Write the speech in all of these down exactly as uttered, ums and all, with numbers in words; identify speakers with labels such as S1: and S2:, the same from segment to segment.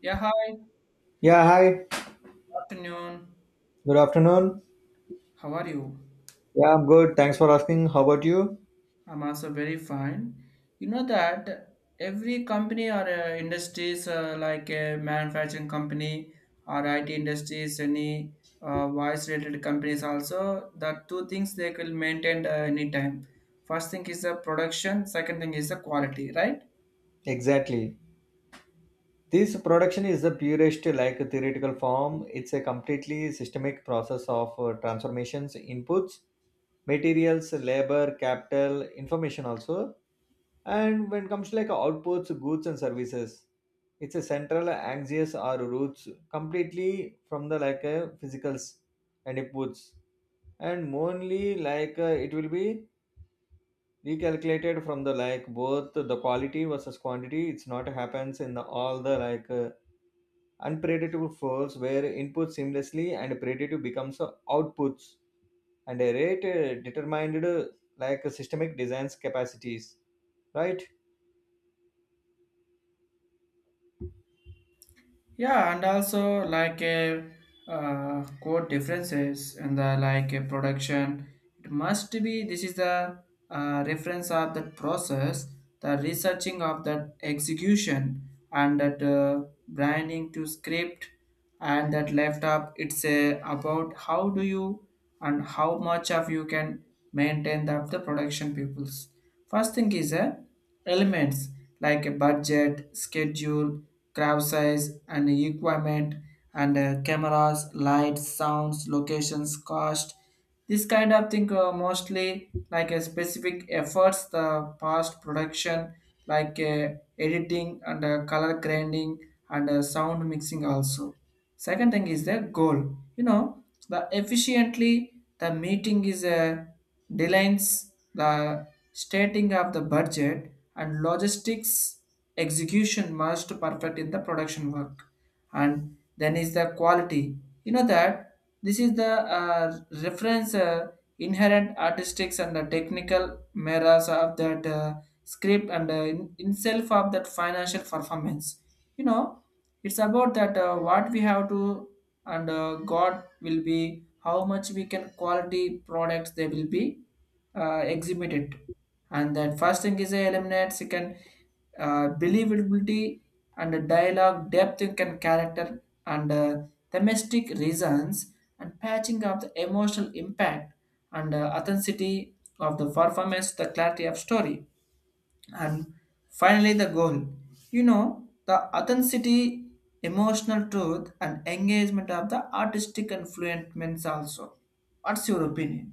S1: Yeah, hi.
S2: Yeah, hi.
S1: Afternoon.
S2: Good afternoon.
S1: How are you?
S2: Yeah, I'm good. Thanks for asking. How about you?
S1: I'm also very fine. You know that every company or uh, industries uh, like a manufacturing company or I T industries, any uh, voice related companies also, the two things they will maintain uh, anytime. First thing is the production, second thing is the quality, right?
S2: Exactly. This production is the purest like theoretical form. It's a completely systemic process of uh, transformations, inputs, materials, labor, capital, information also. And when it comes to like outputs, goods and services, it's a central axis or roots completely from the like a physicals and inputs. And only like uh, it will be recalculated from the like both the quality versus quantity, it's not happens in the, all the like uh, unpredictable flows where input seamlessly and predictive becomes uh, outputs and a rate uh, determined, uh, like uh, systemic designs capacities, right?
S1: Yeah, and also like a uh, core differences in the like a production. It must be this is the uh, reference of that process, the researching of that execution and that uh, branding to script and that left up it's uh, about how do you and how much of you can maintain the, the production peoples first thing is uh, elements like a budget schedule crowd size and equipment and uh, cameras lights sounds locations cost this kind of thing uh, mostly like a specific efforts the past production like uh, editing and uh, color grinding and uh, sound mixing also. Second thing is the goal. You know the efficiently the meeting is a delays the stating of the budget and logistics execution must perfect in the production work and then is the quality you know that this is the uh, reference uh, inherent artistics and the technical mirrors of that uh, script and uh, in, in self of that financial performance. You know, it's about that uh, what we have to and uh, God will be how much we can quality products they will be uh, exhibited and that first thing is a eliminate second uh, believability and the dialogue depth and character and uh, domestic reasons and patching of the emotional impact and uh, authenticity of the performance the clarity of story and finally the goal you know the authenticity emotional truth and engagement of the artistic influence also what's your opinion.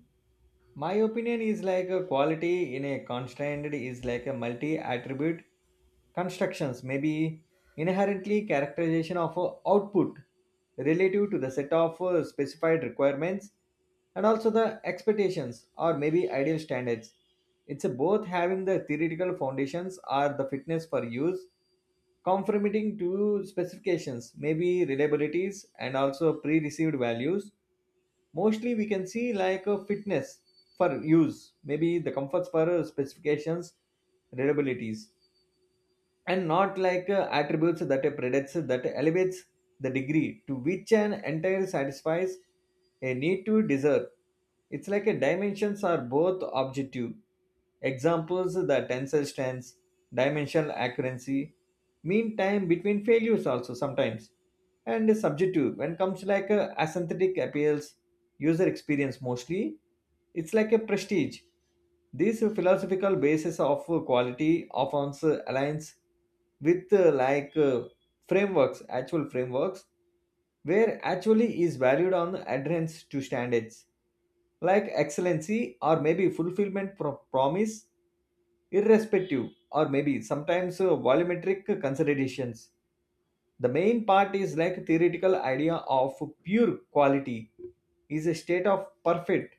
S2: My opinion is like a quality in a constant is like a multi attribute constructions, maybe inherently characterization of a output relative to the set of uh, specified requirements and also the expectations or maybe ideal standards. It's a both having the theoretical foundations or the fitness for use, conforming to specifications, maybe reliabilities and also pre-received values. Mostly we can see like a fitness for use, maybe the comforts for uh, specifications, reliabilities, and not like uh, attributes that predates that elevates the degree to which an entire satisfies a need to deserve. It's like a dimensions are both objective. Examples the tensor strengths, dimensional accuracy, mean time between failures also sometimes, and subjective when comes like uh, aesthetic appeals, user experience mostly. It's like a prestige this philosophical basis of quality often aligns with uh, like uh, frameworks, actual frameworks, where actually is valued on adherence to standards like excellency or maybe fulfillment pro- promise, irrespective or maybe sometimes uh, volumetric considerations. The main part is like theoretical idea of pure quality is a state of perfect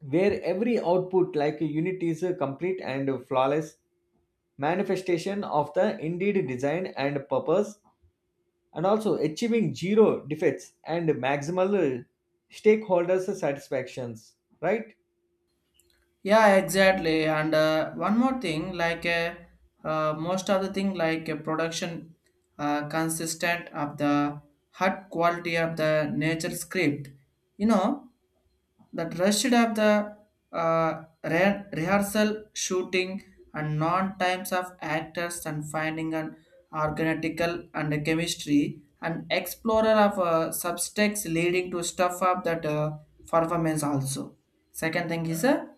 S2: where every output like a unit is a complete and flawless manifestation of the indeed design and purpose, and also achieving zero defects and maximal uh, stakeholders satisfactions, right?
S1: Yeah, exactly. And uh, one more thing, like uh, uh, most of the thing, like uh, production uh, consistent of the hard quality of the nature script. You know that rushed of the uh, re- rehearsal, shooting, and non times of actors and finding an organical and a chemistry and explorer of uh, subtext leading to stuff of that uh, performance also. Second thing is a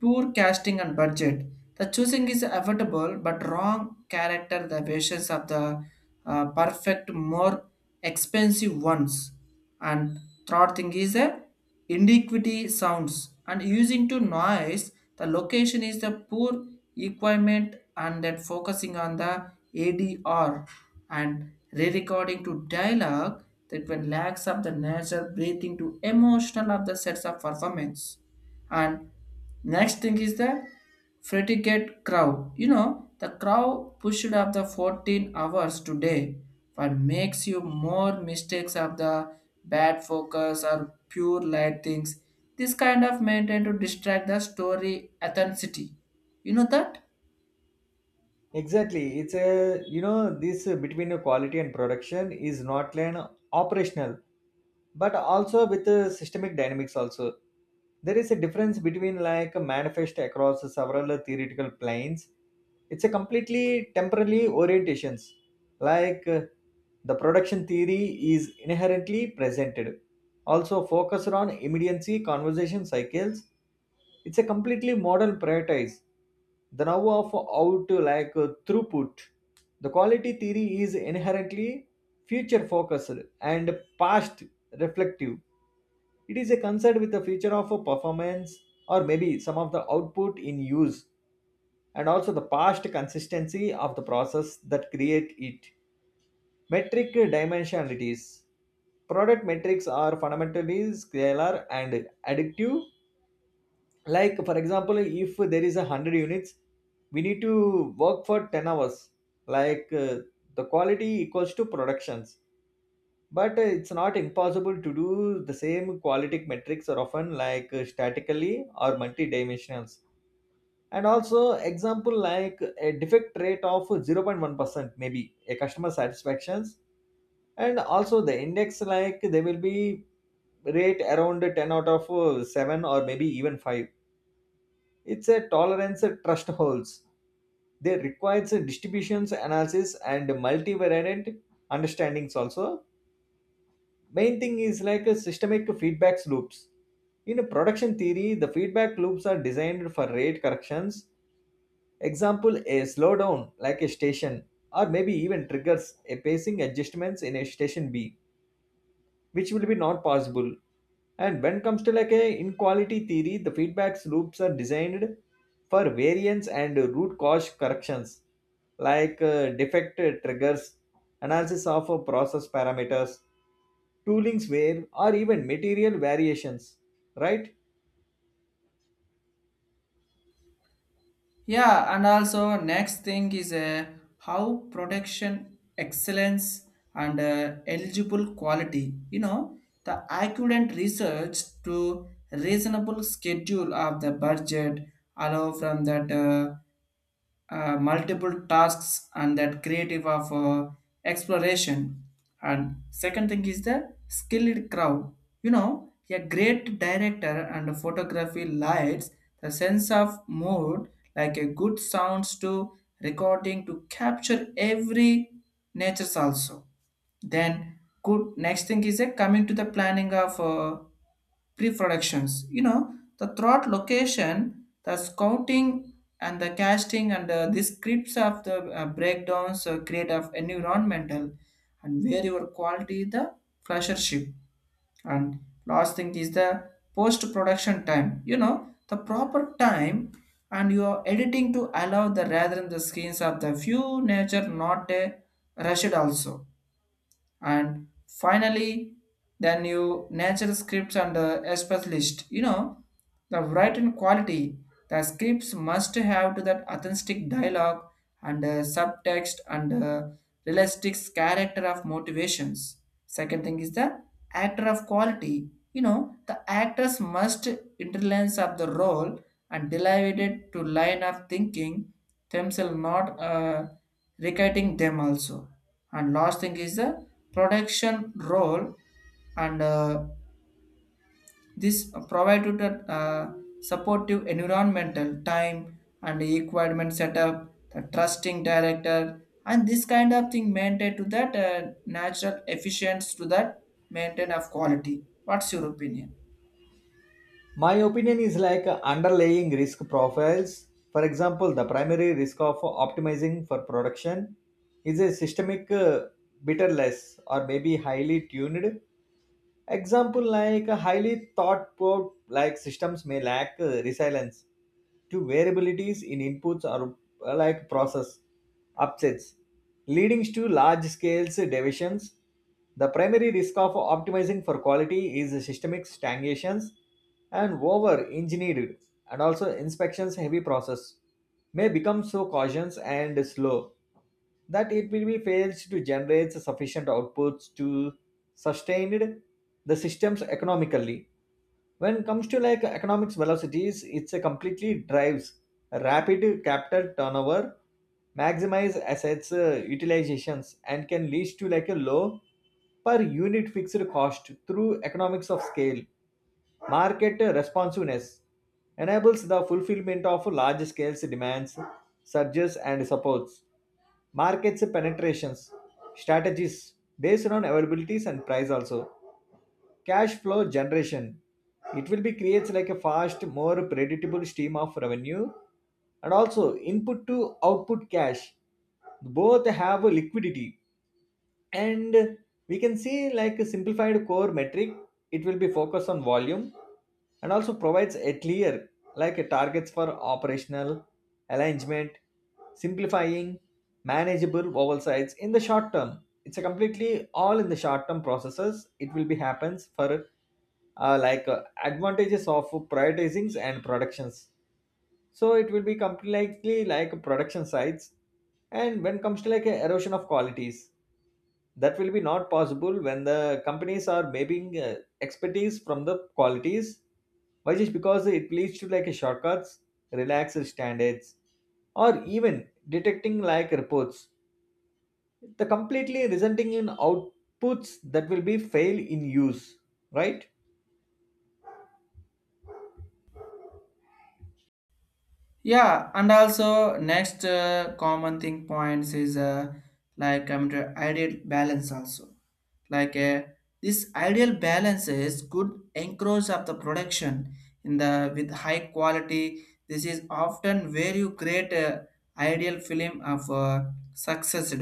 S1: poor casting and budget. The choosing is affordable but wrong character. The patience of the uh, perfect more expensive ones. And third thing is a inequity sounds and using to noise. The location is the poor equipment and that focusing on the A D R and re-recording to dialogue that when lacks of the natural breathing to emotional of the sets of performance and next thing is the predicate crow you know the crow pushed up the fourteen hours today but makes you more mistakes of the bad focus or pure light things this kind of maintain to distract the story authenticity you know that.
S2: Exactly. It's a, you know, this uh, between uh, quality and production is not an operational, but also with uh, systemic dynamics also. There is a difference between like a manifest across several theoretical planes. It's a completely temporally orientations. Like uh, the production theory is inherently presented, also focused on immediacy conversation cycles. It's a completely modern prioritize. The now of out like uh, throughput. The quality theory is inherently future focused and past reflective. It is a concern with the future of a performance or maybe some of the output in use, and also the past consistency of the process that create it. Metric dimensionalities. Product metrics are fundamentally scalar and additive. Like for example, if there is a one hundred units we need to work for ten hours, like uh, the quality equals to productions, but uh, it's not impossible to do the same. Quality metrics are often like uh, statically or multi-dimensionals, and also example like a defect rate of zero point one percent maybe a customer satisfactions, and also the index like they will be rate around ten out of uh, seven or maybe even five. It's a tolerance trust holds. They requires a distributions analysis and multivariate understandings also. Main thing is like a systemic feedback loops. In a production theory, the feedback loops are designed for rate corrections. Example, a slowdown like a station or maybe even triggers a pacing adjustments in a station B, which will be not possible. And when it comes to like a inequality theory, the feedbacks loops are designed for variance and root cause corrections, like uh, defect triggers analysis of uh, process parameters, toolings where or even material variations, right?
S1: Yeah, and also next thing is uh, how protection excellence and uh, eligible quality. You know, the accurate research to reasonable schedule of the budget allow from that. Uh, uh, multiple tasks and that creative of uh, exploration and second thing is the skilled crowd you know a great director and photography lights the sense of mood like a good sounds to recording to capture every natures also then good next thing is a coming to the planning of uh, pre-productions you know the throat location the scouting and the casting and uh, the scripts of the uh, breakdowns uh, create of environmental and where your quality the flashership and last thing is the post production time you know the proper time and you are editing to allow the rather than the screens of the few nature not a rushed also and finally then you natural scripts and the express list you know the written quality the scripts must have to that authentic dialogue and uh, subtext and uh, realistic character of motivations. Second thing is the actor of quality. You know, the actors must intelligence of the role and delighted to line of thinking themselves not uh, reciting them also. And last thing is the production role and uh, this provided a uh, supportive environmental time and equipment setup, the trusting director, and this kind of thing maintained to that uh, natural efficiency to that maintain of quality. What's your opinion?
S2: My opinion is like uh, underlying risk profiles. For example, the primary risk of optimizing for production is a systemic uh, bitterless or maybe highly tuned. Example like highly thought out like systems may lack uh, resilience to variabilities in inputs or uh, like process upsets, leading to large scale deviations. The primary risk of optimizing for quality is systemic stagnations and over engineered, and also inspections heavy process may become so cautious and slow that it will be fails to generate sufficient outputs to sustain the systems economically. When it comes to like economics velocities, it's a completely drives rapid capital turnover, maximize assets uh, utilizations, and can lead to like a low per unit fixed cost through economics of scale. Market responsiveness enables the fulfillment of large scale demands, surges, and supports. Markets penetrations, strategies based on availabilities and price also. Cash flow generation. It will be creates like a fast, more predictable stream of revenue, and also input to output cash. Both have liquidity. And we can see like a simplified core metric, it will be focused on volume, and also provides a clear like a targets for operational alignment, simplifying manageable oversights in the short term. It's a completely all in the short term processes, it will be happens for uh, like uh, advantages of prioritizings and productions. So it will be completely like production sites. And when comes to like a erosion of qualities, that will be not possible when the companies are mapping uh, expertise from the qualities. Why? Just because it leads to like a shortcuts, relaxed standards, or even detecting like reports, the completely resulting in outputs that will be fail in use, right?
S1: Yeah, and also next uh, common thing points is uh, like um, the ideal balance also. Like uh, this ideal balance is good anchorage of the production in the with high quality. This is often where you create a ideal film of uh, success.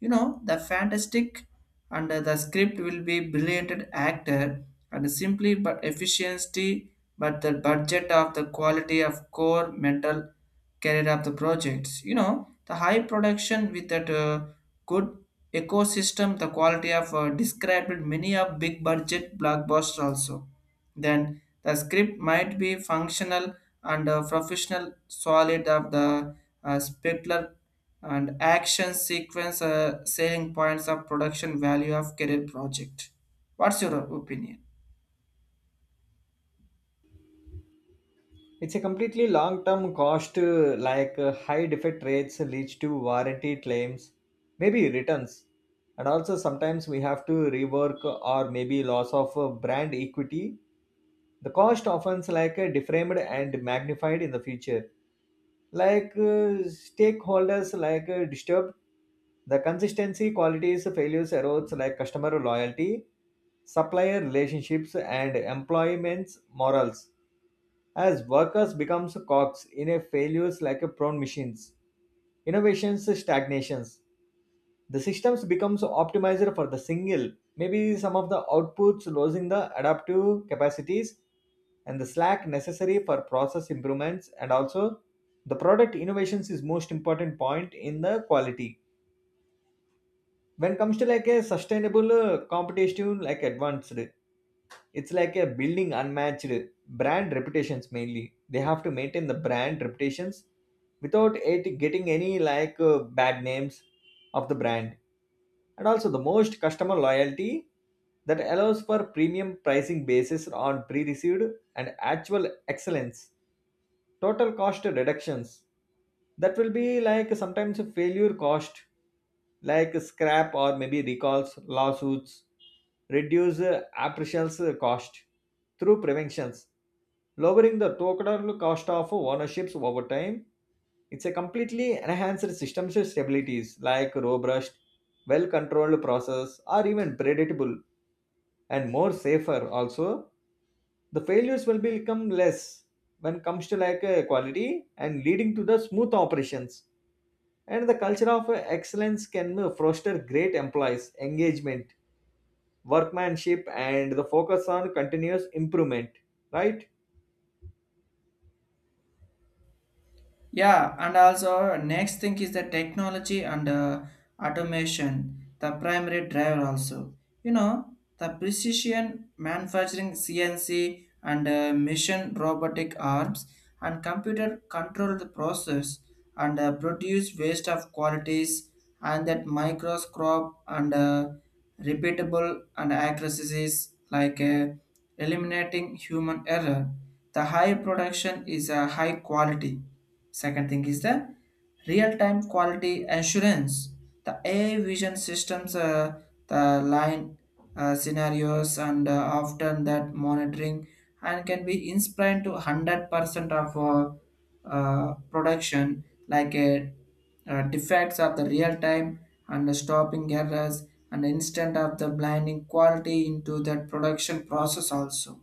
S1: You know the fantastic and uh, the script will be brilliant actor and simply but efficiency but the budget of the quality of core mental carried of the projects you know the high production with that uh, good ecosystem the quality of uh, described many of big budget blockbuster also then the script might be functional and uh, professional solid of the uh, specular and action sequence uh, selling points of production value of career project. What's your opinion?
S2: It's a completely long-term cost, uh, like uh, high defect rates leads to warranty claims, maybe returns, and also sometimes we have to rework or maybe loss of uh, brand equity. The cost often is like uh, deframed and magnified in the future. Like uh, stakeholders like uh, disturbed, the consistency, qualities, failures, erodes like customer loyalty, supplier relationships, and employment's morals as workers becomes cogs in a failures like a prone machines, innovations stagnations. The systems becomes optimizer for the single, maybe some of the outputs losing the adaptive capacities and the slack necessary for process improvements. And also the product innovations is most important point in the quality. When it comes to like a sustainable uh, competitive like advanced, it's like a building unmatched brand reputations. Mainly they have to maintain the brand reputations without it getting any like uh, bad names of the brand, and also the most customer loyalty that allows for premium pricing basis on pre-received and actual excellence. Total cost reductions, that will be like sometimes a failure cost like scrap or maybe recalls, lawsuits, reduce uh, appraisals uh, cost through preventions, lowering the total cost of ownerships over time. It's a completely enhanced systems stabilities like robust well controlled process or even predictable and more safer also. The failures will become less when comes to like uh, quality, and leading to the smooth operations. And the culture of uh, excellence can uh, foster great employees engagement, workmanship, and the focus on continuous improvement, right?
S1: Yeah, and also next thing is the technology and uh, automation, the primary driver also. You know, the precision manufacturing C N C and uh, mission robotic arms and computer control the process and uh, produce waste of qualities and that microscope and uh, repeatable and accuracies like uh, eliminating human error. The high production is a high quality. Second thing is the real-time quality assurance. The A I vision systems, uh, the line uh, scenarios, and uh, often that monitoring and can be inspired to one hundred percent of uh, uh, production, like a uh, defects of the real time and the stopping errors and instant of the blinding quality into that production process also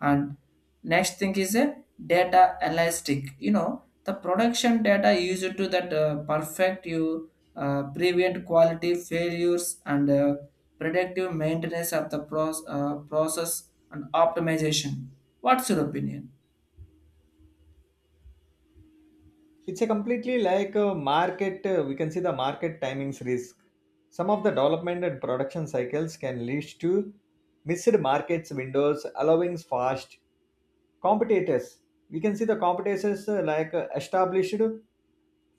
S1: and next thing is a data elastic you know the production data used to that uh, perfect you uh, prevent quality failures and uh, predictive maintenance of the pro- uh, process and optimization what's your opinion.
S2: It's a completely like a market uh, we can see the market timings risk. Some of the development and production cycles can lead to missed markets windows, allowing fast competitors. We can see the competitors uh, like uh, established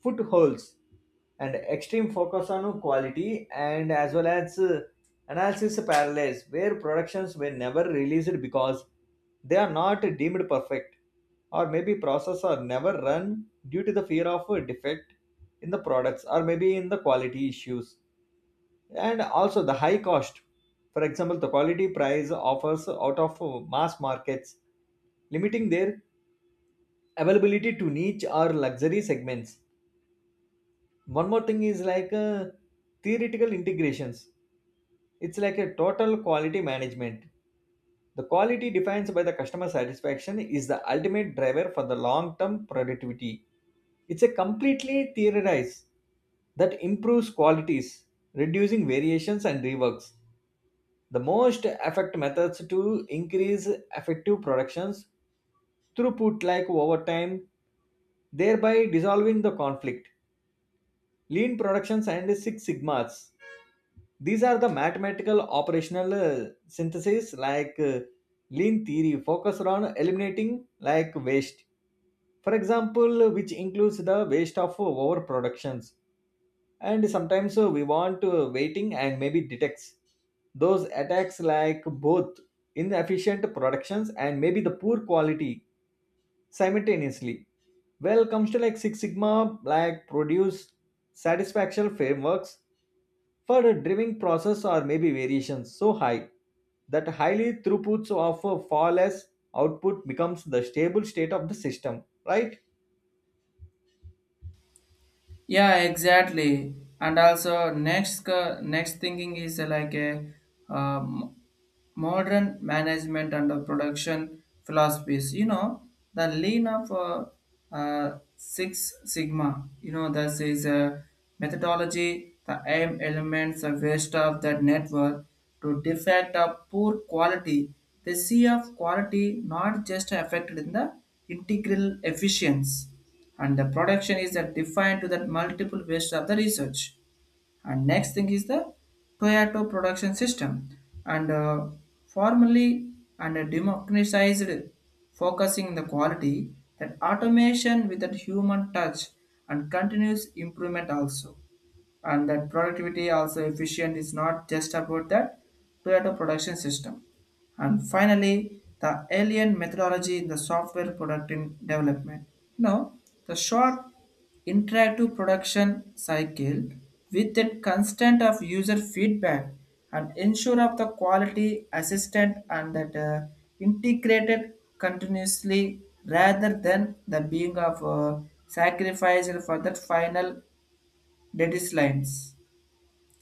S2: footholds, and extreme focus on quality, and as well as uh, analysis paralysis where productions were never released because they are not deemed perfect, or maybe process are never run due to the fear of a defect in the products or maybe in the quality issues. And also the high cost. For example, the quality price offers out of uh, mass markets, limiting their availability to niche or luxury segments. One more thing is like uh, theoretical integrations. It's like a total quality management. The quality defined by the customer satisfaction is the ultimate driver for the long term productivity. It's a completely theorized that improves qualities, reducing variations and reworks. The most effective methods to increase effective productions throughput like overtime, thereby dissolving the conflict. Lean productions and Six Sigmas. These are the mathematical operational uh, synthesis. Like uh, lean theory focused on eliminating like waste. For example, which includes the waste of overproductions, and sometimes uh, we want uh, waiting and maybe detects. Those attacks like both inefficient productions and maybe the poor quality simultaneously. Well comes to like Six Sigma, like produce satisfaction frameworks for a driving process or maybe variations so high that highly throughputs of a far less output becomes the stable state of the system, right?
S1: Yeah, exactly. And also next co- next thinking is uh, like a um, modern management and uh, production philosophies. You know the lean of uh, uh, Six Sigma. You know this is a methodology. The aim elements of waste of that network to defect of poor quality. The C of quality not just affected in the integral efficiency and the production is that defined to that multiple waste of the research and next thing is the Toyota production system and uh, formally and uh, democratized focusing the quality that automation with that human touch and continuous improvement also and that productivity also efficient is not just about that Toyota production system. And finally, the alien methodology in the software product in development. Now, the short interactive production cycle with the constant of user feedback and ensure of the quality assistant and that uh, integrated continuously rather than the being of uh, sacrificed for that final deadlines.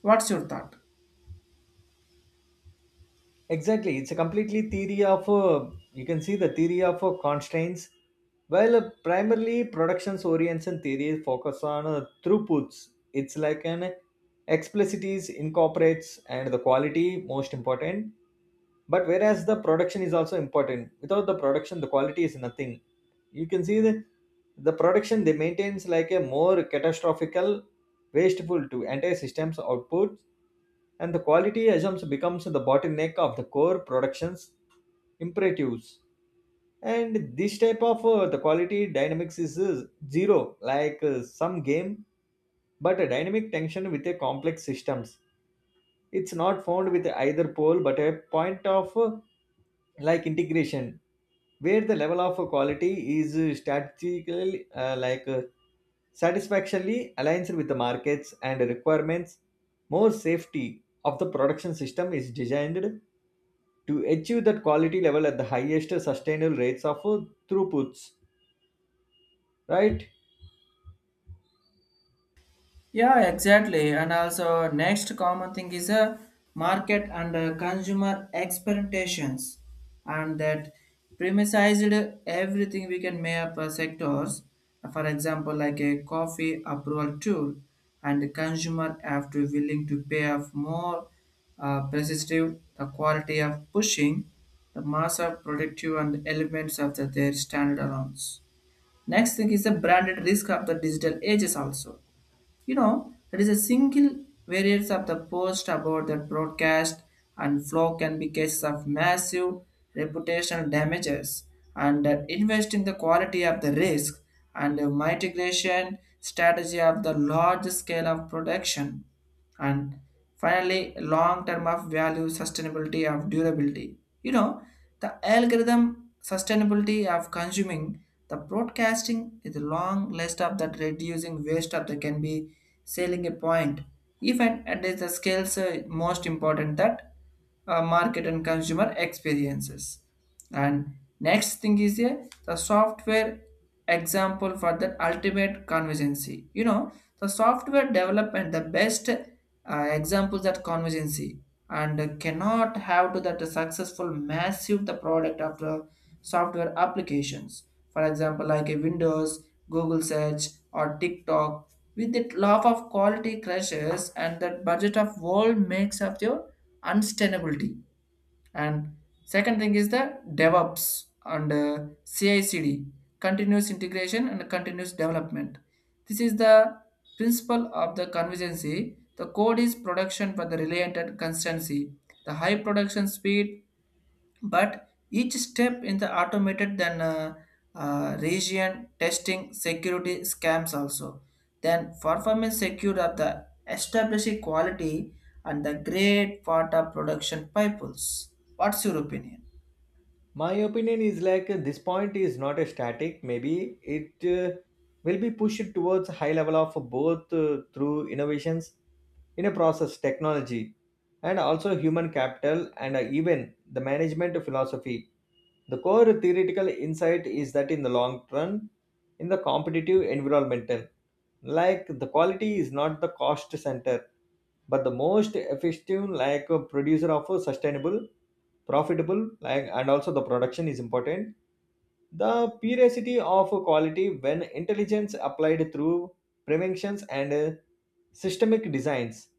S1: What's your thought?
S2: Exactly, it's a completely theory of uh, you can see the theory of uh, constraints, while uh, primarily productions oriented theory focus on uh, throughputs. It's like an explicites incorporates and the quality most important. But whereas the production is also important, without the production, the quality is nothing. You can see the the production they maintains like a more catastrophical, wasteful to entire systems output, and the quality assumption becomes the bottleneck of the core productions imperatives. And this type of uh, the quality dynamics is uh, zero like uh, some game, but a dynamic tension with a complex systems. It's not found with either pole but a point of uh, like integration, where the level of uh, quality is uh, strategically uh, like uh, satisfactorily aligns with the markets and requirements, more safety of the production system is designed to achieve that quality level at the highest sustainable rates of uh, throughputs, right?
S1: Yeah, exactly. And also, next common thing is a market and uh, consumer expectations, and that premised everything we can make up uh, sectors. For example, like a coffee approval tool, and the consumer have to willing to pay off more uh, perceptive the quality of pushing the mass of productive and elements of the, their standard allowance. Next thing is the branded risk of the digital ages also. You know, there is a single variance of the post about that broadcast and flow can be cases of massive reputational damages and uh, invest in the quality of the risk and the mitigation strategy of the large scale of production. And finally, long term of value, sustainability of durability. You know, the algorithm sustainability of consuming the broadcasting is a long list of that reducing waste of the can be selling a point. Even at the scales uh, most important that uh, market and consumer experiences. And next thing is a the software example for the ultimate convergency. You know, the software development, the best uh, examples that convergency and cannot have to that successful massive the product of the software applications. For example, like a Windows, Google search or TikTok with the love of quality crashes and that budget of world makes up your unsustainability and second thing is the DevOps and uh, C I/C D, continuous integration and continuous development. This is the principle of the convergency. The code is production for the reliant and constancy. The high production speed but each step in the automated then uh, uh, region testing security scams also then performance secure of the established quality and the great part of production pipes what's your opinion.
S2: My opinion is like uh, this point is not a static, maybe it uh, will be pushed towards a high level of both uh, through innovations in a process technology, and also human capital and uh, even the management philosophy. The core theoretical insight is that in the long run, in the competitive environmental, like the quality is not the cost center, but the most effective like a producer of a sustainable profitable, like, and also the production is important. The purity of quality when intelligence applied through preventions and uh, systemic designs,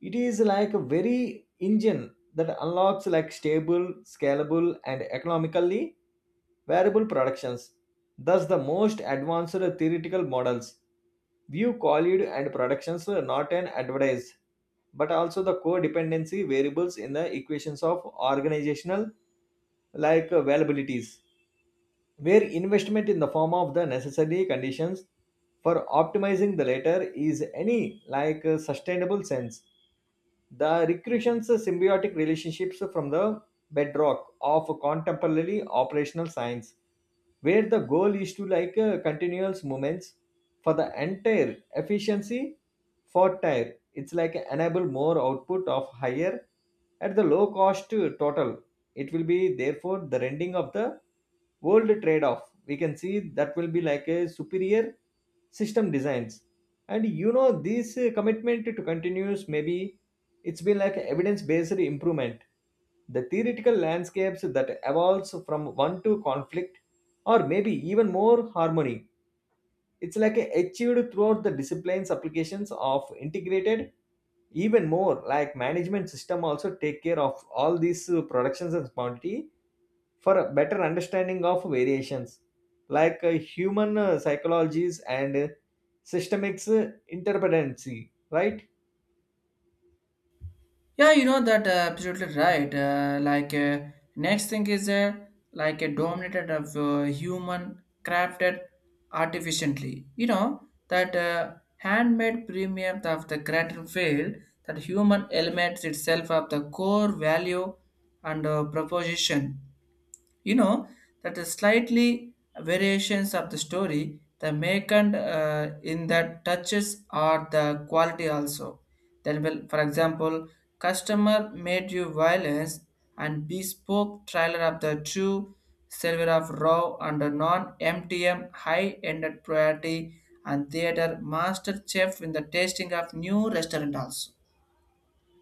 S2: it is like a very engine that unlocks like stable, scalable, and economically variable productions. Thus the most advanced theoretical models view quality and productions not an advertise, but also the codependency variables in the equations of organizational like uh, availabilities, where investment in the form of the necessary conditions for optimizing the latter is any like uh, sustainable sense. The recursions symbiotic relationships from the bedrock of contemporary operational science, where the goal is to like uh, continuous movements for the entire efficiency for tire. It's like enable more output of higher at the low cost uh, total. It will be therefore the rendering of the world trade-off. We can see that will be like a superior system designs. And you know this uh, commitment to continuous, maybe it's been like evidence based improvement. The theoretical landscapes that evolves from one to conflict or maybe even more harmony. It's like achieved throughout the disciplines applications of integrated, even more like management system, also take care of all these uh, productions and quantity for a better understanding of variations like uh, human uh, psychologies and uh, systemics uh, interdependency, right?
S1: Yeah, you know that uh, absolutely right. Uh, like uh, next thing is uh, like a dominated of uh, human crafted artificially. You know that uh, handmade premium of the creator field that human elements itself of the core value and uh, proposition. You know that the slightly variations of the story, the make and uh, in that touches or the quality also. Then will, for example, customer made you violence and bespoke trailer of the true server of raw and non-M T M high-ended priority and theater master chef in the tasting of new restaurant also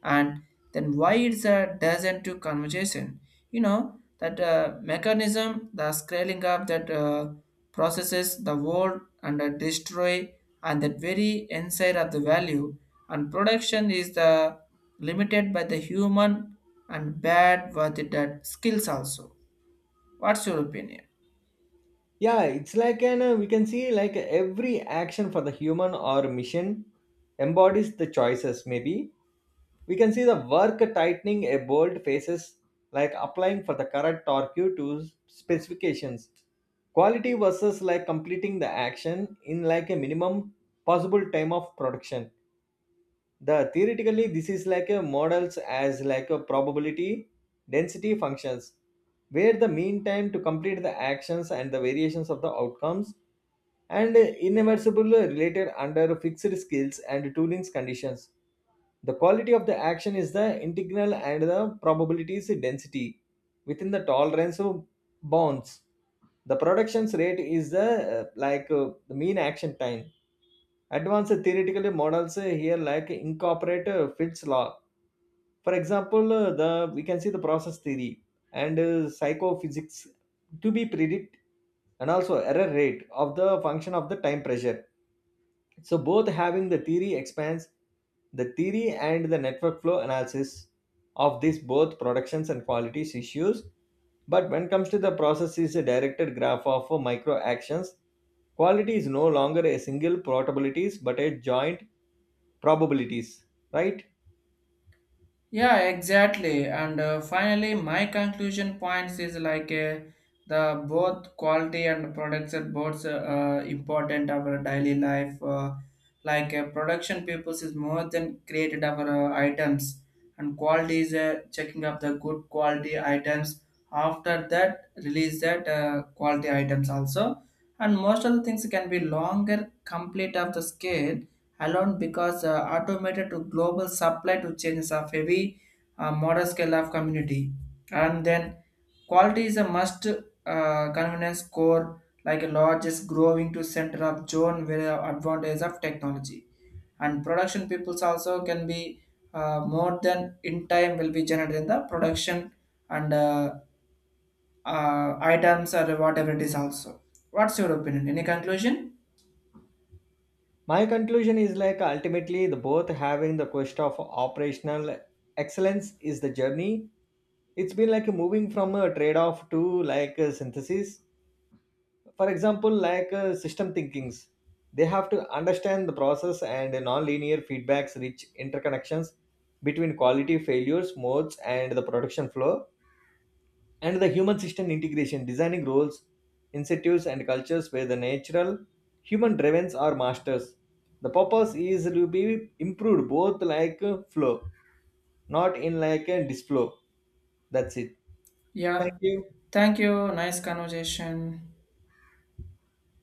S1: and then why it's a doesn't to conversation you know that uh, mechanism the scaling up that uh, processes the world and uh, destroy and that very inside of the value and production is the limited by the human and bad with the that skills also what's your opinion.
S2: Yeah, it's like an uh, we can see like every action for the human or mission embodies the choices. Maybe we can see the work tightening a bold faces, like applying for the correct torque to s- specifications. Quality versus like completing the action in like a minimum possible time of production. The theoretically this is like a models as like a probability density functions, where the mean time to complete the actions and the variations of the outcomes and inevitable related under fixed skills and toolings conditions. The quality of the action is the integral and the probabilities density within the tolerance of bounds. The productions rate is the uh, like uh, the mean action time. Advanced theoretical models uh, here like incorporate uh, Fitts law. For example, uh, the we can see the process theory and uh, psychophysics to be predict, and also error rate of the function of the time pressure. So both having the theory expands the theory and the network flow analysis of these both productions and qualities issues. But when comes to the process is a directed graph of uh, micro actions, quality is no longer a single probabilities but a joint probabilities, right?
S1: Yeah, exactly. And uh, finally, my conclusion points is like uh, the both quality and production both uh, uh, important our daily life. Uh, like uh, production purpose is more than created our uh, items, and quality is uh, checking up the good quality items. After that, release that uh, quality items also, and most of the things can be longer complete of the scale alone because uh, automated to global supply to changes of heavy uh, model scale of community and then quality is a must uh, convenience core like a largest growing to center of zone where advantage of technology and production peoples also can be uh, more than in time will be generated in the production and uh, uh, items or whatever it is also what's your opinion any conclusion.
S2: My conclusion is like ultimately the both having the quest of operational excellence is the journey. It's been like moving from a trade-off to like a synthesis. For example, like uh, system thinkings, they have to understand the process and non-linear feedbacks rich interconnections between quality failures modes and the production flow, and the human system integration, designing roles, incentives, and cultures where the natural human drivens are masters. The purpose is to be improved both like uh, flow, not in like a disflow. That's it. Thank
S1: Yeah,
S2: you.
S1: thank you. Nice conversation.